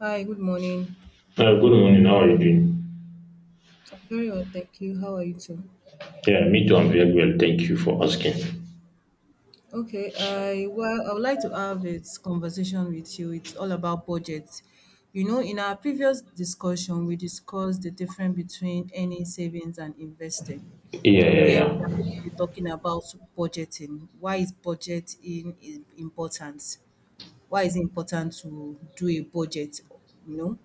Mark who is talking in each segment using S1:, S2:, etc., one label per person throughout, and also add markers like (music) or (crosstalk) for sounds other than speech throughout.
S1: Hi, good morning.
S2: Good morning. How are you doing?
S1: I'm very well, thank you. How are you too?
S2: Yeah, me too. I'm very well. Thank you for asking.
S1: Okay, I would like to have a conversation with you. It's all about budget. You know, in our previous discussion, we discussed the difference between earning savings and investing.
S2: Yeah, yeah,
S1: Here we are
S2: yeah.
S1: going to be talking about budgeting. Why is budgeting is important? Why is it important to do a budget? You know,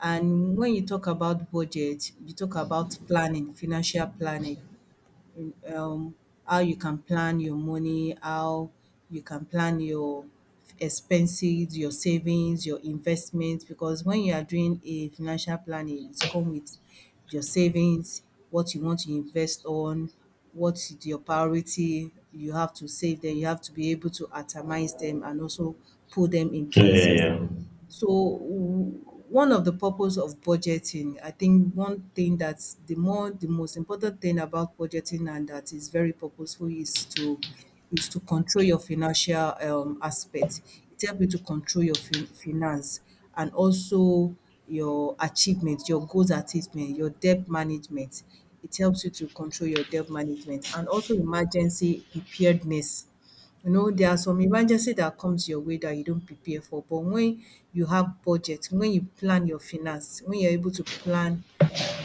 S1: and when you talk about budget, you talk about planning, financial planning. um how you can plan your money, how you can plan your expenses, your savings, your investments. Because when you are doing a financial planning, it's come with your savings, what you want to invest on, what is your priority. You have to save them. You have to be able to atomize them and also put them in places.
S2: Yeah,
S1: So w- One of the purpose of budgeting, I think one thing that's the most important thing about budgeting and that is very purposeful is to control your financial aspect. It helps you to control your finance and also your achievement, your goals achievement, your debt management. It helps you to control your debt management and also emergency preparedness. You know, there are some emergency that comes your way that you don't prepare for. But when you have budget, when you plan your finance, when you're able to plan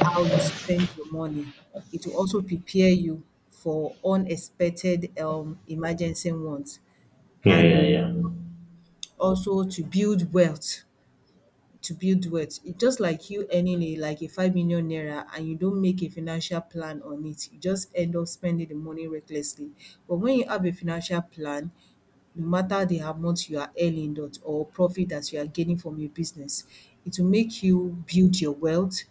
S1: how you spend your money, it will also prepare you for unexpected emergency ones
S2: yeah, yeah. Yeah,
S1: and
S2: yeah, yeah.
S1: also to build wealth. To build wealth, it's just like you earning a 5 million naira and you don't make a financial plan on it, you just end up spending the money recklessly. But when you have a financial plan, no matter the amount you are earning that or profit that you are gaining from your business. It will make you build your wealth,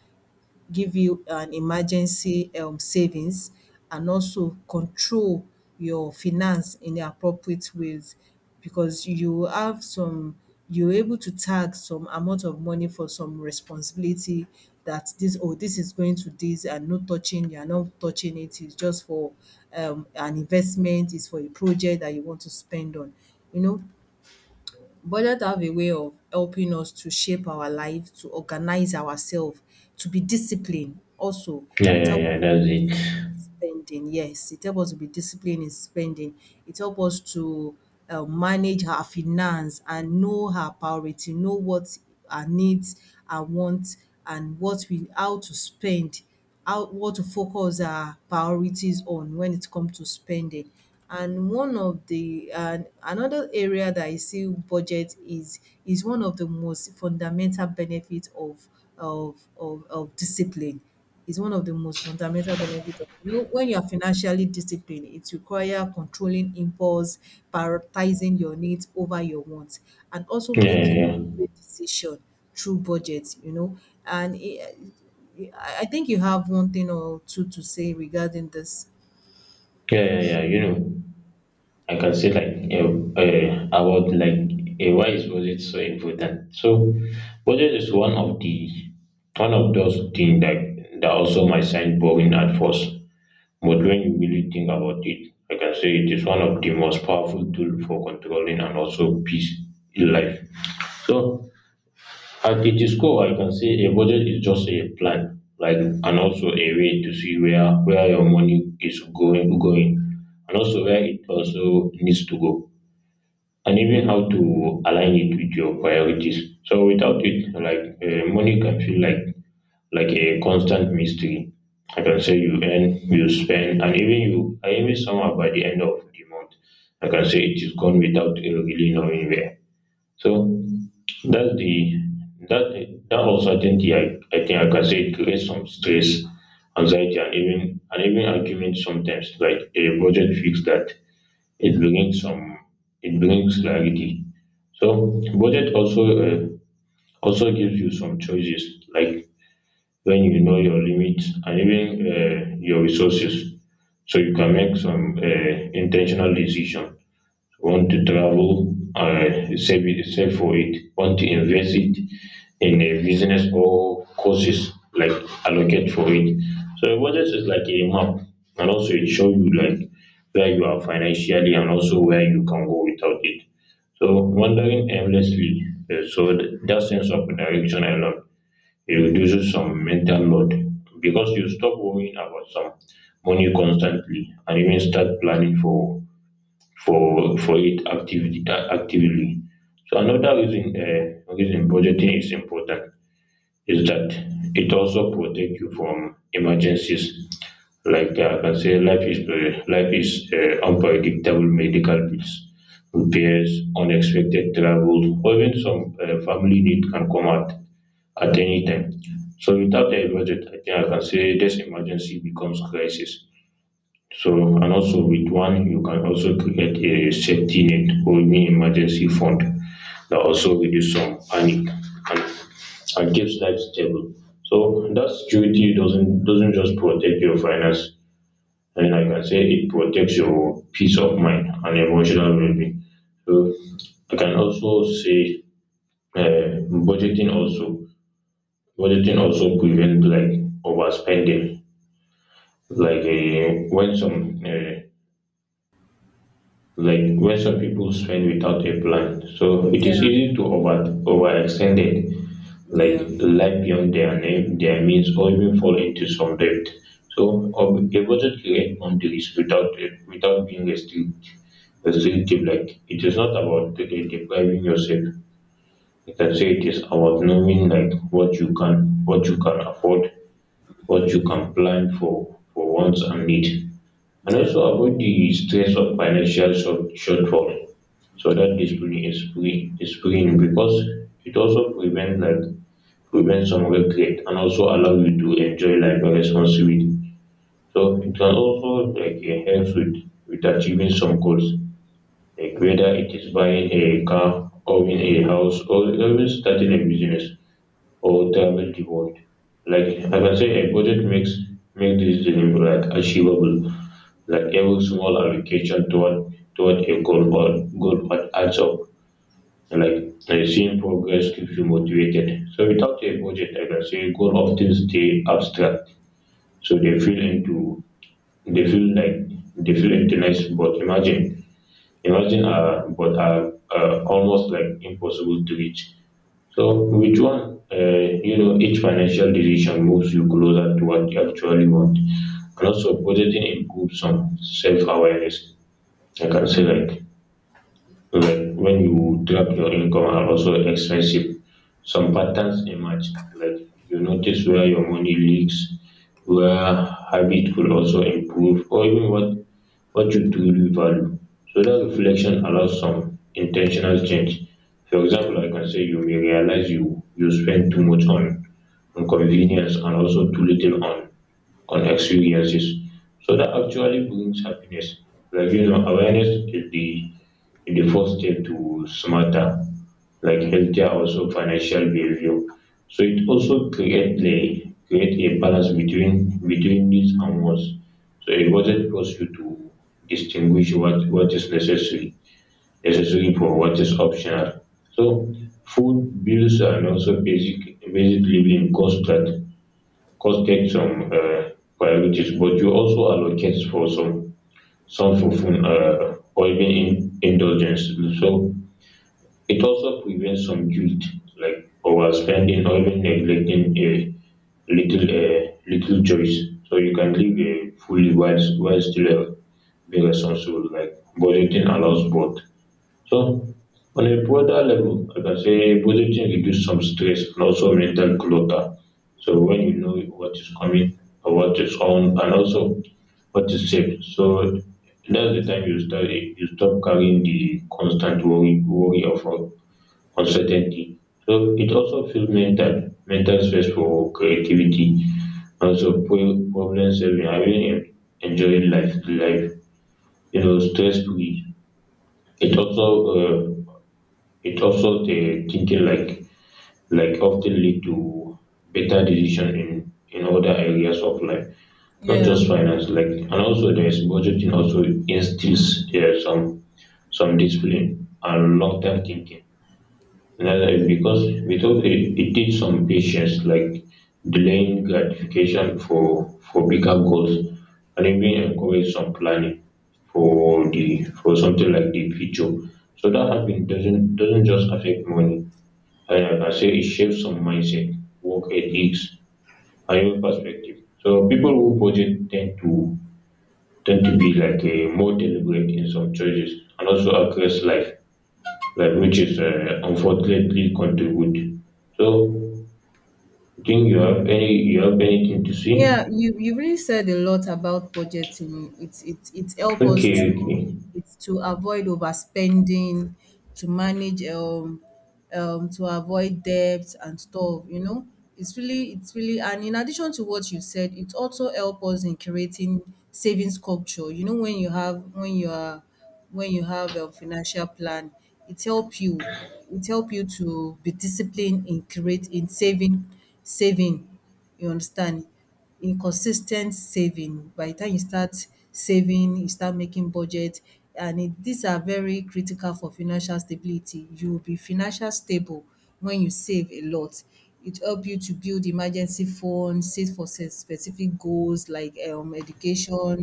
S1: give you an emergency savings and also control your finance in the appropriate ways because you have some, you're able to tag some amount of money for some responsibility that this, oh, this is going to this and not touching you're not touching it, it's just for an investment, it's for a project that you want to spend on, you know. Budget have a way of helping us to shape our life, to organize ourselves, to be disciplined also.
S2: Yeah,
S1: It
S2: yeah,
S1: help
S2: yeah. That's it.
S1: spending. Yes, it helps us to be disciplined in spending. It helps us to manage our finance and know our priority, know what our needs and wants and what we how to spend, how what to focus our priorities on when it comes to spending. And one of the and another area that I see budget is one of the most fundamental benefits of discipline is one of the most fundamental benefits of, you know, when you are financially disciplined it requires controlling impulse, prioritizing your needs over your wants and also
S2: Yeah, yeah,
S1: making
S2: yeah.
S1: good decision through budget, you know. And it, i I think you have one thing or two to say regarding this.
S2: Yeah, yeah, yeah. I can say like about like why is budget so important? So, budget is one of those things that also might sound boring at first, but when you really think about it, I can say it is one of the most powerful tool for controlling and also peace in life. So at its core, I can say a budget is just a plan, like, and also a way to see where your money is going, and also where it also needs to go, and even how to align it with your priorities. So without it, like money can feel like a constant mystery. I can say you earn, you spend, and even you I even somehow by the end of the month. I can say it is gone without you really knowing where. So that's the that uncertainty I think I can say it creates some stress, anxiety, and even argument sometimes. Like a budget fix that, it brings some it brings clarity. So budget also, also gives you some choices. Like when you know your limit and even your resources, so you can make some intentional decision. Want to travel, save for it. Want to invest it in a business or courses, like allocate for it. So a budget is like a map, and also it show you like where you are financially and also where you can go without it. So wandering aimlessly, that sense of direction I love. It reduces some mental load because you stop worrying about some money constantly and even start planning for it actively. So another reason budgeting is important is that it also protect you from emergencies. Like I can say life is unpredictable. Medical bills, repairs, unexpected travel, or even some family need can come out at any time. So without the budget, I think I can say this emergency becomes crisis. So, and also, with one, you can also create a safety net or even emergency fund that also reduce some panic, and, and keeps life stable. So that security doesn't just protect your finance. I mean, I can say it protects your peace of mind and emotional well-being. So I can also say, uh, budgeting also Budgeting also prevents like overspending. Like when some, when some people spend without a plan, so it
S1: Yeah,
S2: is easy to overextend it, like
S1: yeah,
S2: life beyond their name, their means, or even fall into some debt. So, a budget create boundaries without it, without being restricted restrictive. Like it is not about depriving yourself. You can say it is about knowing like what you can afford, what you can plan for wants and need, and also avoid the stress of financial shortfall. So that discipline is freeing, because it also prevents like, prevent some regret, and also allow you to enjoy life responsibly. So it can also like, help with achieving some goals, like whether it is buying a car, owning a house, or even starting a business or thermal default. Like I can say a budget make this dream like achievable. Like every small allocation toward a goal path adds up. Like seeing progress keeps you motivated. So without a budget, I can say goal often stay abstract. So they feel like they feel intense, but imagine, but are almost like impossible to reach. So with one, each financial decision moves you closer to what you actually want. And also budgeting improves some self awareness. I can say,
S1: hmm,
S2: like, when you track your income and also expensive, some patterns emerge. Like you notice where your money leaks, where habit could also improve, or even what you truly value. So that reflection allows some intentional change. For
S1: yeah,
S2: example, I can say you may realize you spend too much on convenience, and also too little on experiences. So that actually brings happiness. Like, awareness is the first step to smarter, like healthier also financial behavior. So it also create a balance between needs and wants. So it wasn't force you to distinguish what is necessary for what is optional. So food bills and also basic living costs that cause take some priorities, but you also allocate for some for fun, or even in indulgence. So it also prevents some guilt, like overspending or even neglecting a little little choice, so you can live fully, while still being responsible. Like budgeting allows both. So on a broader level, I can say budgeting reduce some stress and also mental clutter. So when you know what is coming, or what is on, and also what is safe. So that's the time you stop carrying the constant worry of uncertainty. So it also feels mental space for creativity, also problem solving, having enjoying life, stress free. It also uh, it also the thinking like, often lead to better decision in other areas of life, not
S1: yeah.
S2: just finance. Like, and also there is budgeting also instills some discipline and long term thinking. Another, because without it, it takes some patience, like delaying gratification for bigger goals, and even encourage some planning for something like the future. So that habit doesn't just affect money. I say it shapes some mindset, work ethics, and your perspective. So people who budget tend to be like a more deliberate in some choices, and also across life, like which is unfortunately contribute. So I think you have anything to say?
S1: Yeah, you really said a lot about budgeting. It's help us
S2: Okay,
S1: to,
S2: okay.
S1: it's to avoid overspending, to manage to avoid debt and stuff, you know. It's really, and in addition to what you said, it also help us in creating savings culture. You know, when you have a financial plan, it help you it help you to be disciplined in create in saving saving. You understand? In consis ten t saving. By the time you start saving, you start making budget, and it these are very critical for financial stability. You will be financial stable when you save a lot. It help you to build emergency fund, save for se specific goals like education,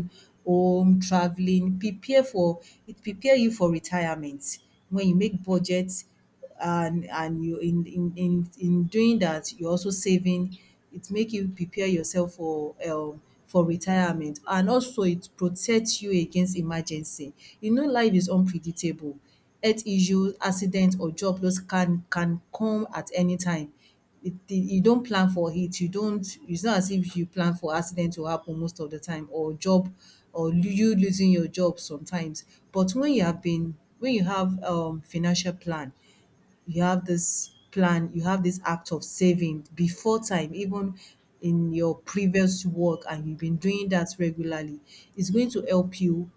S1: home, traveling. Prepare for It prepare you for retirement. When you make budget and you in doing that you're also saving, it make you prepare yourself for retirement and also it protects you against emergency. You know, life is unpredictable, health issue, accident or job loss can come at any time. It the you don't plan for it, you don't, it's not as if you plan for accident to happen most of the time, or or lo- you losing your job sometimes. But when you have financial plan, you have this plan, you have this act of saving before time, even in your previous work and you've been doing that regularly, it's going to help you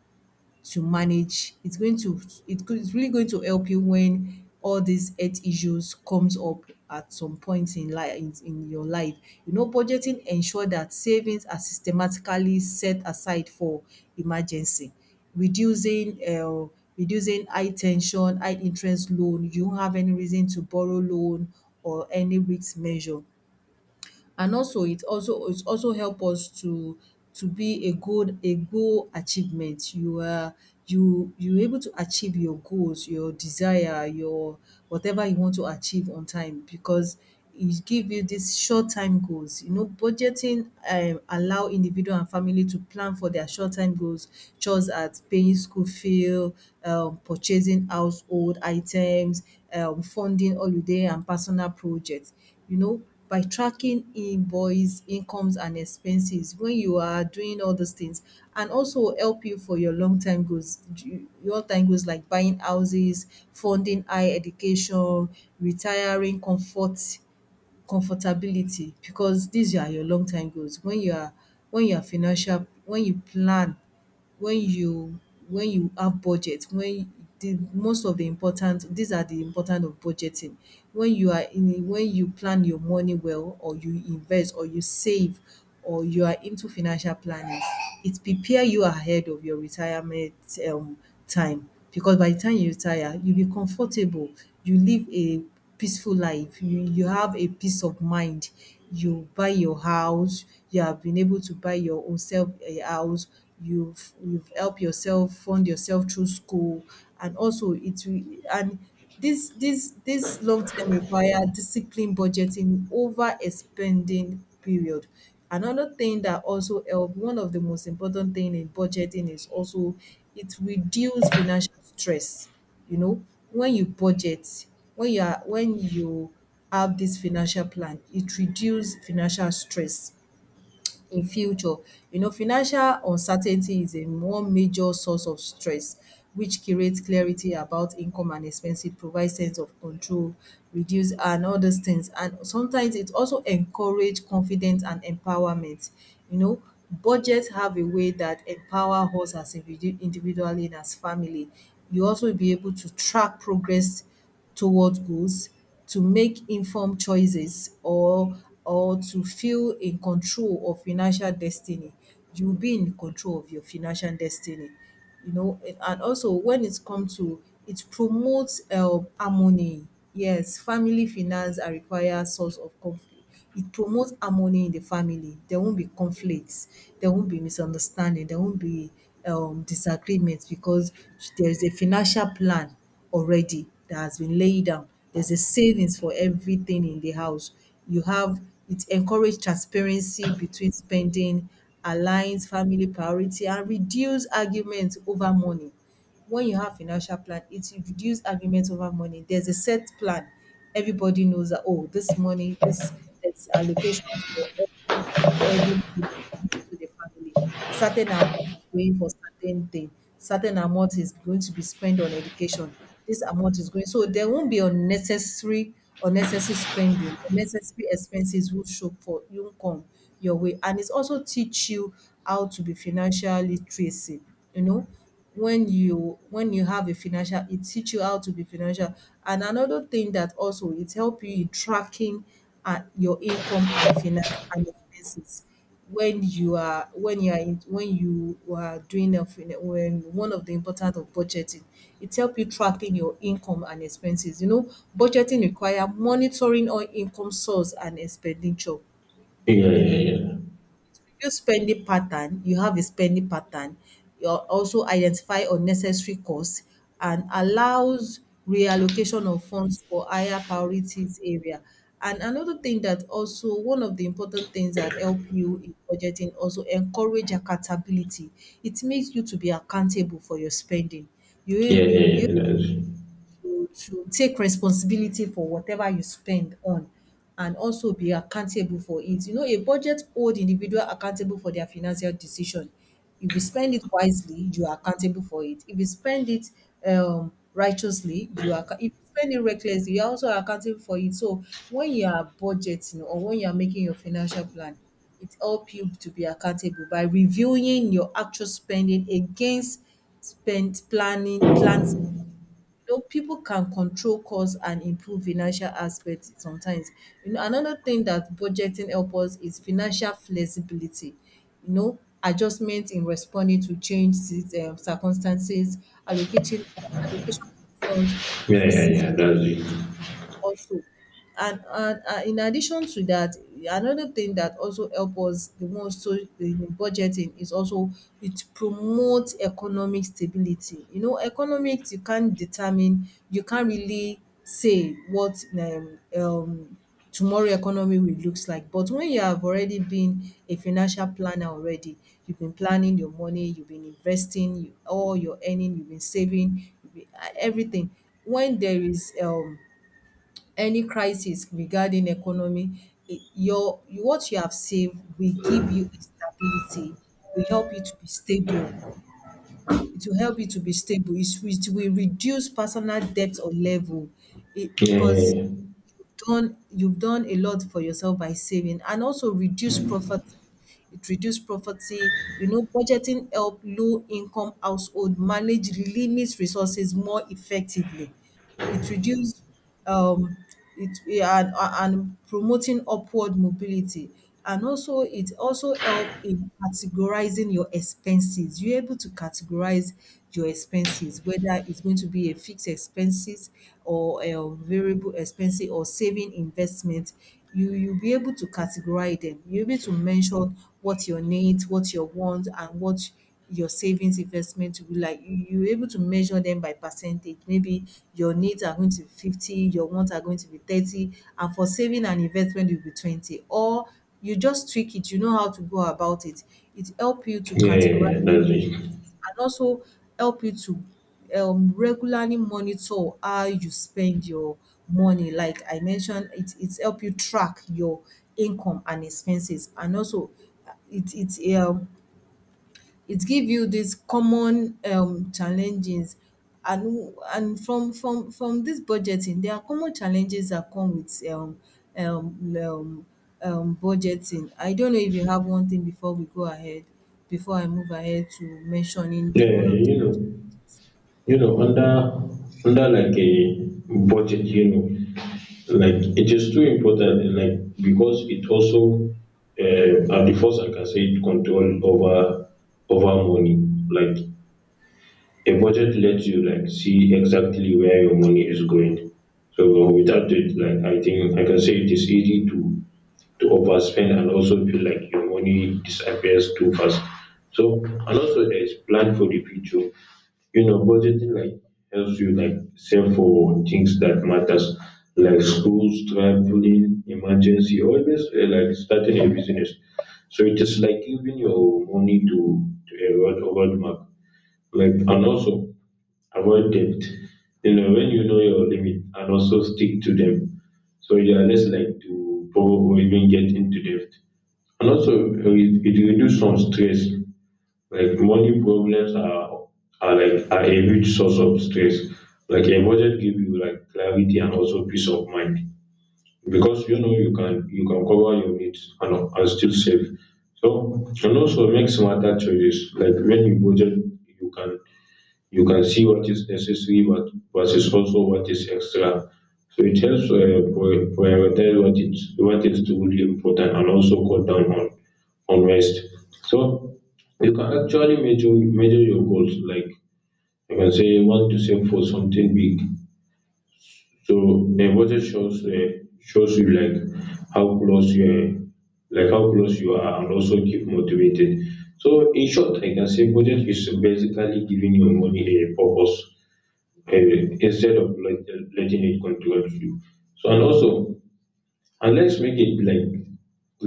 S1: to manage. It's going to it could it's really going to help you when all these health issues comes up at some point in your life. You know, budgeting ensure that savings are systematically set aside for emergency, reducing uh, reducing high tension, high interest loan. You don't have any reason to borrow loan or any risk measure. And also it also it also help us to be a good a goal achievement. You are you you able to achieve your goals, your desire, your whatever you want to achieve on time because it give you this short time goals. You know, budgeting allow individual and family to plan for their short time goals, just as paying school fee, purchasing household items, funding holiday and personal projects, you know, by tracking invoice incomes and expenses when you are doing all those things. And also help you for your long time goals, long time goals like buying houses, funding higher education, retiring comfortability, because these are your long time goals. When you are financial, when you plan, when you when you have budget, when the most of the important, these are the important of budgeting. When you are in a when you plan your money well, or you invest, or you save, or you are into financial planning, it prepare you ahead of your retirement um time, because by the time you retire, you be comfortable, you live a peaceful life. You have a peace of mind. You buy your house. You have been able to buy your own self a house. You've helped yourself, fund yourself through school, and also it will and this long term require disciplined budgeting over a spending period. Another thing that also help, one of the most important thing in budgeting is also it reduce financial stress. You know, when you budget, when you are when you have this financial plan, it reduces financial stress in future. You know, financial uncertainty is a one major source of stress, which creates clarity about income and expenses, provides sense of control, reduce and all those things. And sometimes it also encourage confidence and empowerment. You know, budgets have a way that empower us as individually and as family. You also be able to track progress towards goals, to make informed choices, or to feel in control of financial destiny. You'll be in control of your financial destiny. You know, and also when it comes to it promotes harmony. Yes, family finance are require source of conflict, it promotes harmony in the family. There won't be conflicts. There won't be misunderstanding. There won't be disagreements because there is a financial plan already that has been laid down. There's a savings for everything in the house. You have it encourage transparency between spending, aligns family priority, and reduce arguments over money. When you have financial plan, it reduce argument over money, there's a set plan, everybody knows that, oh, this money this, there's allocation for every money to the family, certain amount is going for certain thing, certain amount is going to be spent on education, this amount is going, so there won't be unnecessary spending, unnecessary expenses will show for you won't come your way. And it's also teach you how to be financial literacy, you know, when you have a financial, it teach you how to be financial. And another thing that also it help you in tracking your income and finance and expenses, when you are in, when you are doing a when one of the important of budgeting, it help you tracking your income and expenses, you know, budgeting require monitoring all income source and expenditure.
S2: Yeah, yeah,
S1: Review spending pattern. You have a spending pattern. You also identify unnecessary costs and allows reallocation of funds for higher priorities area. And another thing that also one of the important things that help you in budgeting also encourage accountability. It makes you to be accountable for your spending. You will
S2: yeah.
S1: to take responsibility for whatever you spend on and also be accountable for it. You know, a budget hold individual accountable for their financial decision. If you spend it wisely, you are accountable for it. If you spend it righteously, you are if you spend it recklessly, you are also accountable for it. So when you are budgeting or when you are making your financial plan, it helps you to be accountable by reviewing your actual spending against spend planning plans, you know, people can control costs and improve financial aspects sometimes. You know, another thing that budgeting helps us is financial flexibility. You know, adjustment in responding to change circumstances, allocating allocation of funds
S2: Yeah, yeah,
S1: to
S2: yeah,
S1: seize
S2: yeah, that's it.
S1: also. And in addition to that, another thing that also help us the most so in budgeting is also it promotes economic stability. You know, economics you can't determine, you can't really say what tomorrow economy will looks like. But when you have already been a financial planner already, you've been planning your money, you've been investing you, all your earning, you've been saving, you've been, everything. When there is any crisis regarding economy, I your what you have saved will give you stability, will help you to be stable. It will help you to be stable. It will reduce personal debt or level. It because
S2: Yeah,
S1: done you've done a lot for yourself by saving and also reduce poverty, it reduce poverty. You know, budgeting help low income household manage limits resources more effectively. It reduce um it and promoting upward mobility. And also it also help in categorizing your expenses. You're able to categorize your expenses whether it's going to be a fixed expenses or a variable expenses or saving investment. You'll be able to categorize them. You'll be able to mention what your needs, what your wants, and what your savings investment will be like. You're able to measure them by percentage. Maybe your needs are going to be 50, your wants are going to be 30, and for saving and investment, will be 20. Or you just tweak it, you know how to go about it. It help you to
S2: yeah,
S1: categorize
S2: yeah, that's it.
S1: and also help you to regularly monitor how you spend your money. Like I mentioned, it's help you track your income and expenses and also uh, it it um it give you these common challenges and and from this budgeting there are common challenges that come with um um budgeting. I don't know if you have one thing before we go ahead, before I move ahead to mentioning
S2: Yeah, yeah,
S1: one of.
S2: yeah. Yeah, yeah, yeah, that's it. Yeah, yeah, yeah. Under like a budget, like it is too important. Like because it also, at the first, like I can say it control over money. Like a budget lets you like see exactly where your money is going. So without it, like I think I can say it is easy to overspend, and also feel like your money disappears too fast. So, and also, there is plan for the future. Budgeting like helps you like save for things that matters, like schools, traveling, emergency, always, like starting a business. So it is like giving your money to a roadmap, like, and also avoid debt. When you know your limit and also stick to them, so you are less likely to borrow or even get into debt. And also, it reduce some stress. Like money problems are a huge source of stress. Like a budget give you like clarity and also peace of mind, because you know you can cover your needs, and still save. So, and also make smarter choices. Like when you budget, you can you can see what is necessary, but versus also what is extra. So it helps prioritize what is truly important, and also cut down on waste. So you can actually measure your goals. Like you can say you want to save for something big. So the budget shows you like how close you are, how close you are, and also keep motivated. So in short, I can say budget is basically giving your money a purpose, instead of letting it control you. So, and also, and let's make it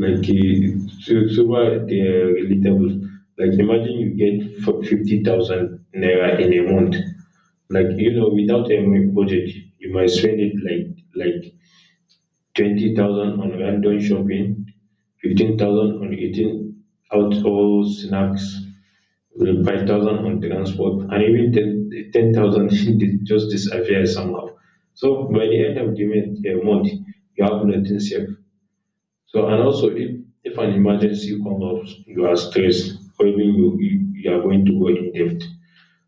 S2: like super relatable. Like imagine you get for 50,000 naira in a month. Like, without any budget, you might spend it like 20,000 on random shopping, 15,000 on eating out all snacks, with 5,000 on transport, and even ten thousand (laughs) just disappear somehow. So by the end of the month, you have nothing saved. So, and also, if an emergency comes up, you are stressed, or even you are going to go in debt.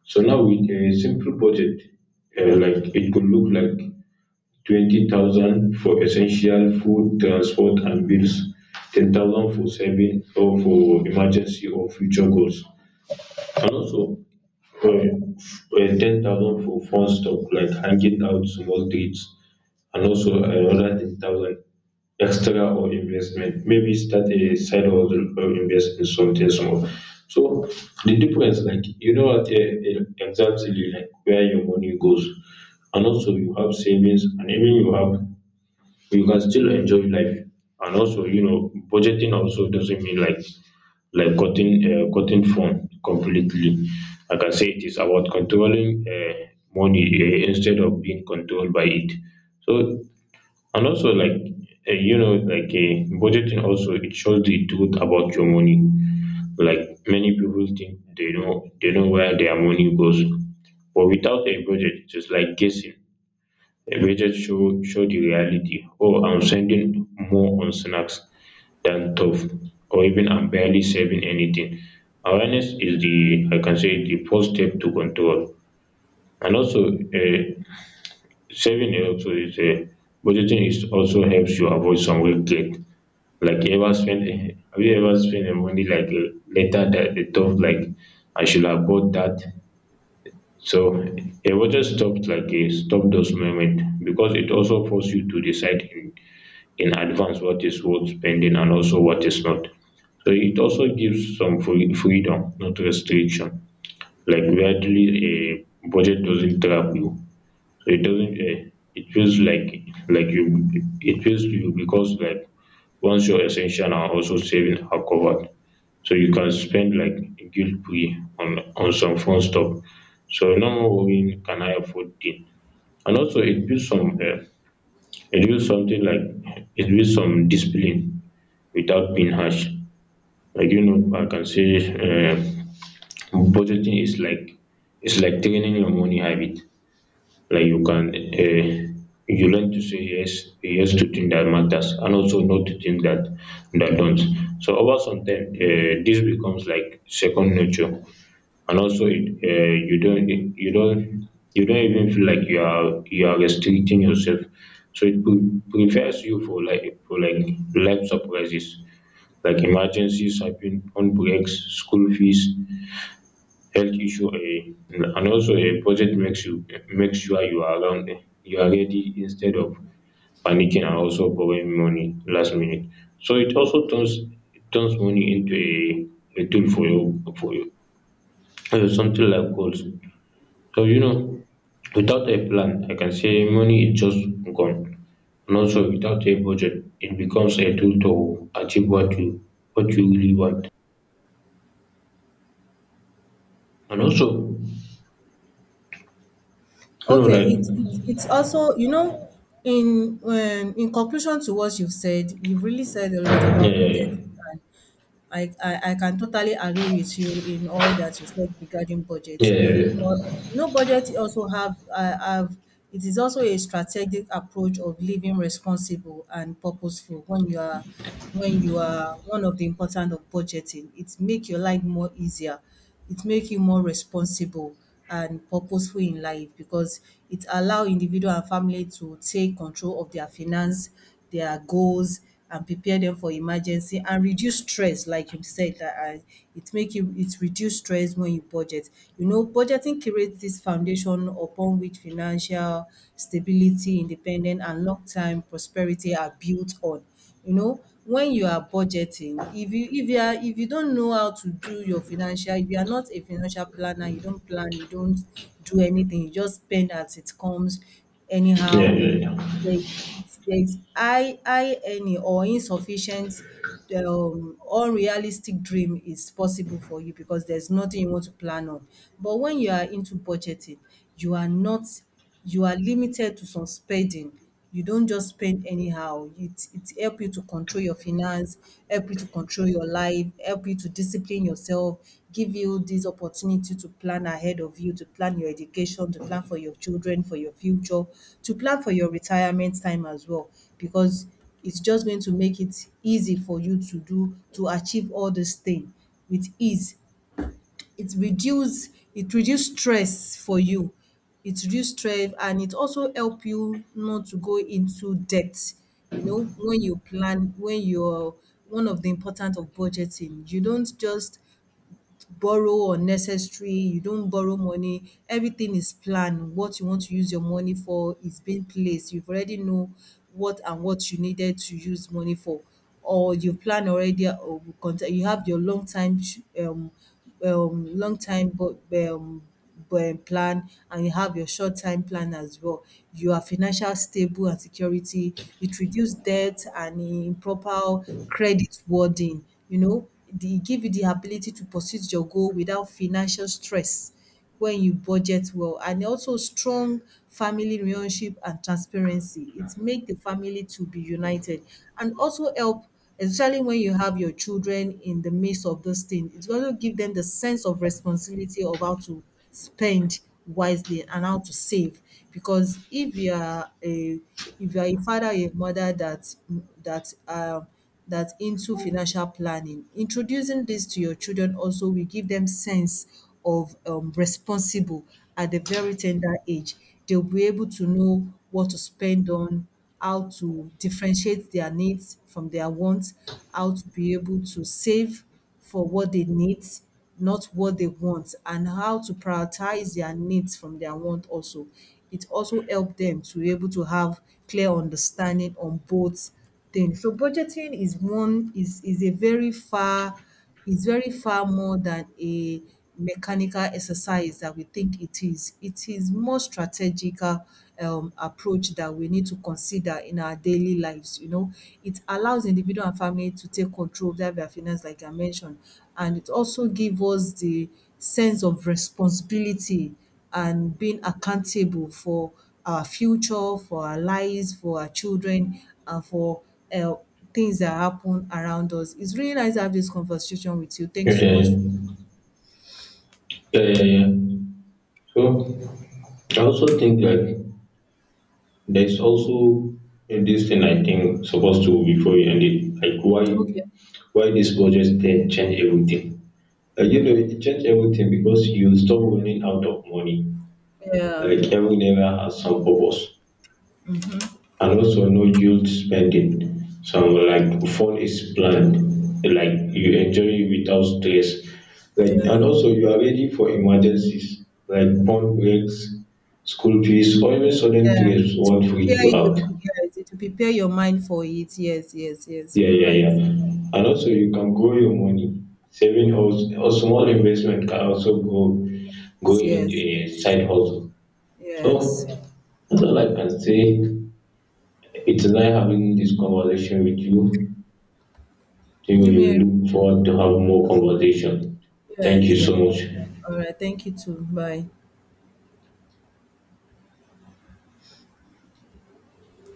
S2: So now with a simple budget, like it could look like 20,000 for essential food, transport and bills, 10,000 for saving or for emergency or future goals, and also um, 10,000 for fun stuff like hanging out, small treats, and also another 10,000 extra or investment, maybe start a side hustle or invest in something small. So the difference, like, you know what exactly like where your money goes, and also you have savings, and even you have, you can still enjoy life. And also, you know, budgeting also doesn't mean like cutting phone completely. Like, I can say it is about controlling money, instead of being controlled by it. So and also like, you know, budgeting also, it shows the truth about your money. Like, many people think they know where their money goes, but without a budget it is like guessing. The images show, show the reality. Oh, I'm spending more on snacks than tough, or even I'm barely saving anything. Awareness is the, I can say, the first step to control. And also, saving also is a budgeting is also helps you avoid some regret. Like, have you ever spent a money like later that the tough, like, I should have bought that. So a budget stops, like, a stop those moment, because it also forces you to decide in advance what is worth spending and also what is not. So it also gives some freedom, not restriction. Like, weirdly, a budget doesn't trap you. So it doesn't, it feels like you it feels to you, because like, once your essential are also saving are covered, so you can spend like guilt free on some fun stuff. So no more worrying, can I afford it? And also it builds some, it builds something like it builds some discipline without being harsh. Like, you know, I can say, budgeting is like, it's like training your money habit. Like, you learn to say yes to things that matters, and also no to things that don't. So over some time, this becomes like second nature, and also it, you don't even feel like you are restricting yourself. So it prepares you for like life surprises. Like, emergencies happen, phone breaks, school fees, health issue. And also a budget makes you make sure you are around you are ready, instead of panicking and also borrowing money last minute. So it also turns money into a tool for you for you something like goals. So you know, without a plan, I can say, money is just gone. And also without a budget, it becomes a tool to achieve what you, what you really want. And also, you know,
S1: Okay,
S2: like,
S1: it's also, you know, in conclusion to what you've said, you've really said a lot about
S2: uh,
S1: budgeting. I can totally agree with you in all that you said regarding budget. But
S2: yeah,
S1: you know, budget also have it is also a strategic approach of living responsible and purposeful when you are one of the important of budgeting. It make your life more easier. It make you more responsible and purposeful in life because it allow individual and family to take control of their finance, their goals and prepare them for emergency and reduce stress like you said that it make you it reduce stress when you budget. You know, budgeting creates this foundation upon which financial stability, independence, and long-term prosperity are built on. You know, when you are budgeting, if you are if you don't know how to do your financial, if you are not a financial planner, you don't plan, you don't do anything, you just spend as it comes
S2: yeah,
S1: anyhow.
S2: yeah, yeah.
S1: There's this there's high earning or insufficient, unrealistic dream is possible for you because there's nothing you want to plan on. But when you are into budgeting, you are not you are limited to some spending, you don't just spend anyhow. It help you to control your finance, help you to control your life, help you to discipline yourself, give you this opportunity to plan ahead of you, to plan your education, to plan for your children, for your future, to plan for your retirement time as well. Because it's just going to make it easy for you to do to achieve all this thing with ease. It reduce it reduce stress for you, it reduce stress and it also help you not to go into debt. You know, when you plan when you're one of the important of budgeting you don't just borrow unnecessary, you don't borrow money. Everything is planned. What you want to use your money for is being placed. You've already know what and what you needed to use money for or you plan already or you you have your um long time but um plan and you have your short time plan as well. You are financial stable and security. It reduce debt and improper credit wording. You know, the it give you the ability to pursue your goal without financial stress when you budget well and also strong family relationship and transparency. It make the family to be united and also help especially when you have your children in the midst of this thing. It's going to give them the sense of responsibility of how to spend wisely and how to save because if you are a if you are a father or a mother that that um that into financial planning, introducing this to your children also will give them sense of responsible at the very tender age. They'll be able to know what to spend on, how to differentiate their needs from their wants, how to be able to save for what they need, not what they want, and how to prioritize their needs from their want also. It also help them to be able to have clear understanding on both things. So budgeting is one is a very far is very far more than a mechanical exercise that we think it is. It is more strategical approach that we need to consider in our daily lives. You know, it allows individual and family to take control of their finance, like I mentioned, and it also give us the sense of responsibility and being accountable for our future, for our lives, for our children, and for uh, things that happen around us. It's really nice to have this conversation with you.
S2: Yeah,
S1: Thanks so
S2: yeah,
S1: much.
S2: yeah, yeah, yeah, yeah. So I also think, like, there's also, this thing I think supposed to before you end it. Like,
S1: Okay.
S2: why this budget thing change everything? Like, you know, it change everything because you stop running out of money.
S1: Yeah,
S2: Like every never has some purpose. And also no guilt spending. Some like fun is planned, like you enjoy it without stress. Like, and
S1: yeah,
S2: also you are ready for emergencies like pump breaks, school fees, or even sudden
S1: yeah.
S2: trips
S1: To
S2: won't freak
S1: prepare
S2: you
S1: you.
S2: out.
S1: Yes, to prepare your mind for it. Yes, yes, yes.
S2: Yeah,
S1: You're
S2: yeah,
S1: right.
S2: yeah. And also you can grow your money. Saving also or small investment can also go
S1: Yes,
S2: into
S1: yes,
S2: a
S1: yes.
S2: side hustle. So
S1: Yeah,
S2: that's all I can say. It's nice having this conversation with you. Jimmy, we will look forward to have more conversation. Thank
S1: yes,
S2: you
S1: yes.
S2: so much.
S1: All right. Thank you too. Bye.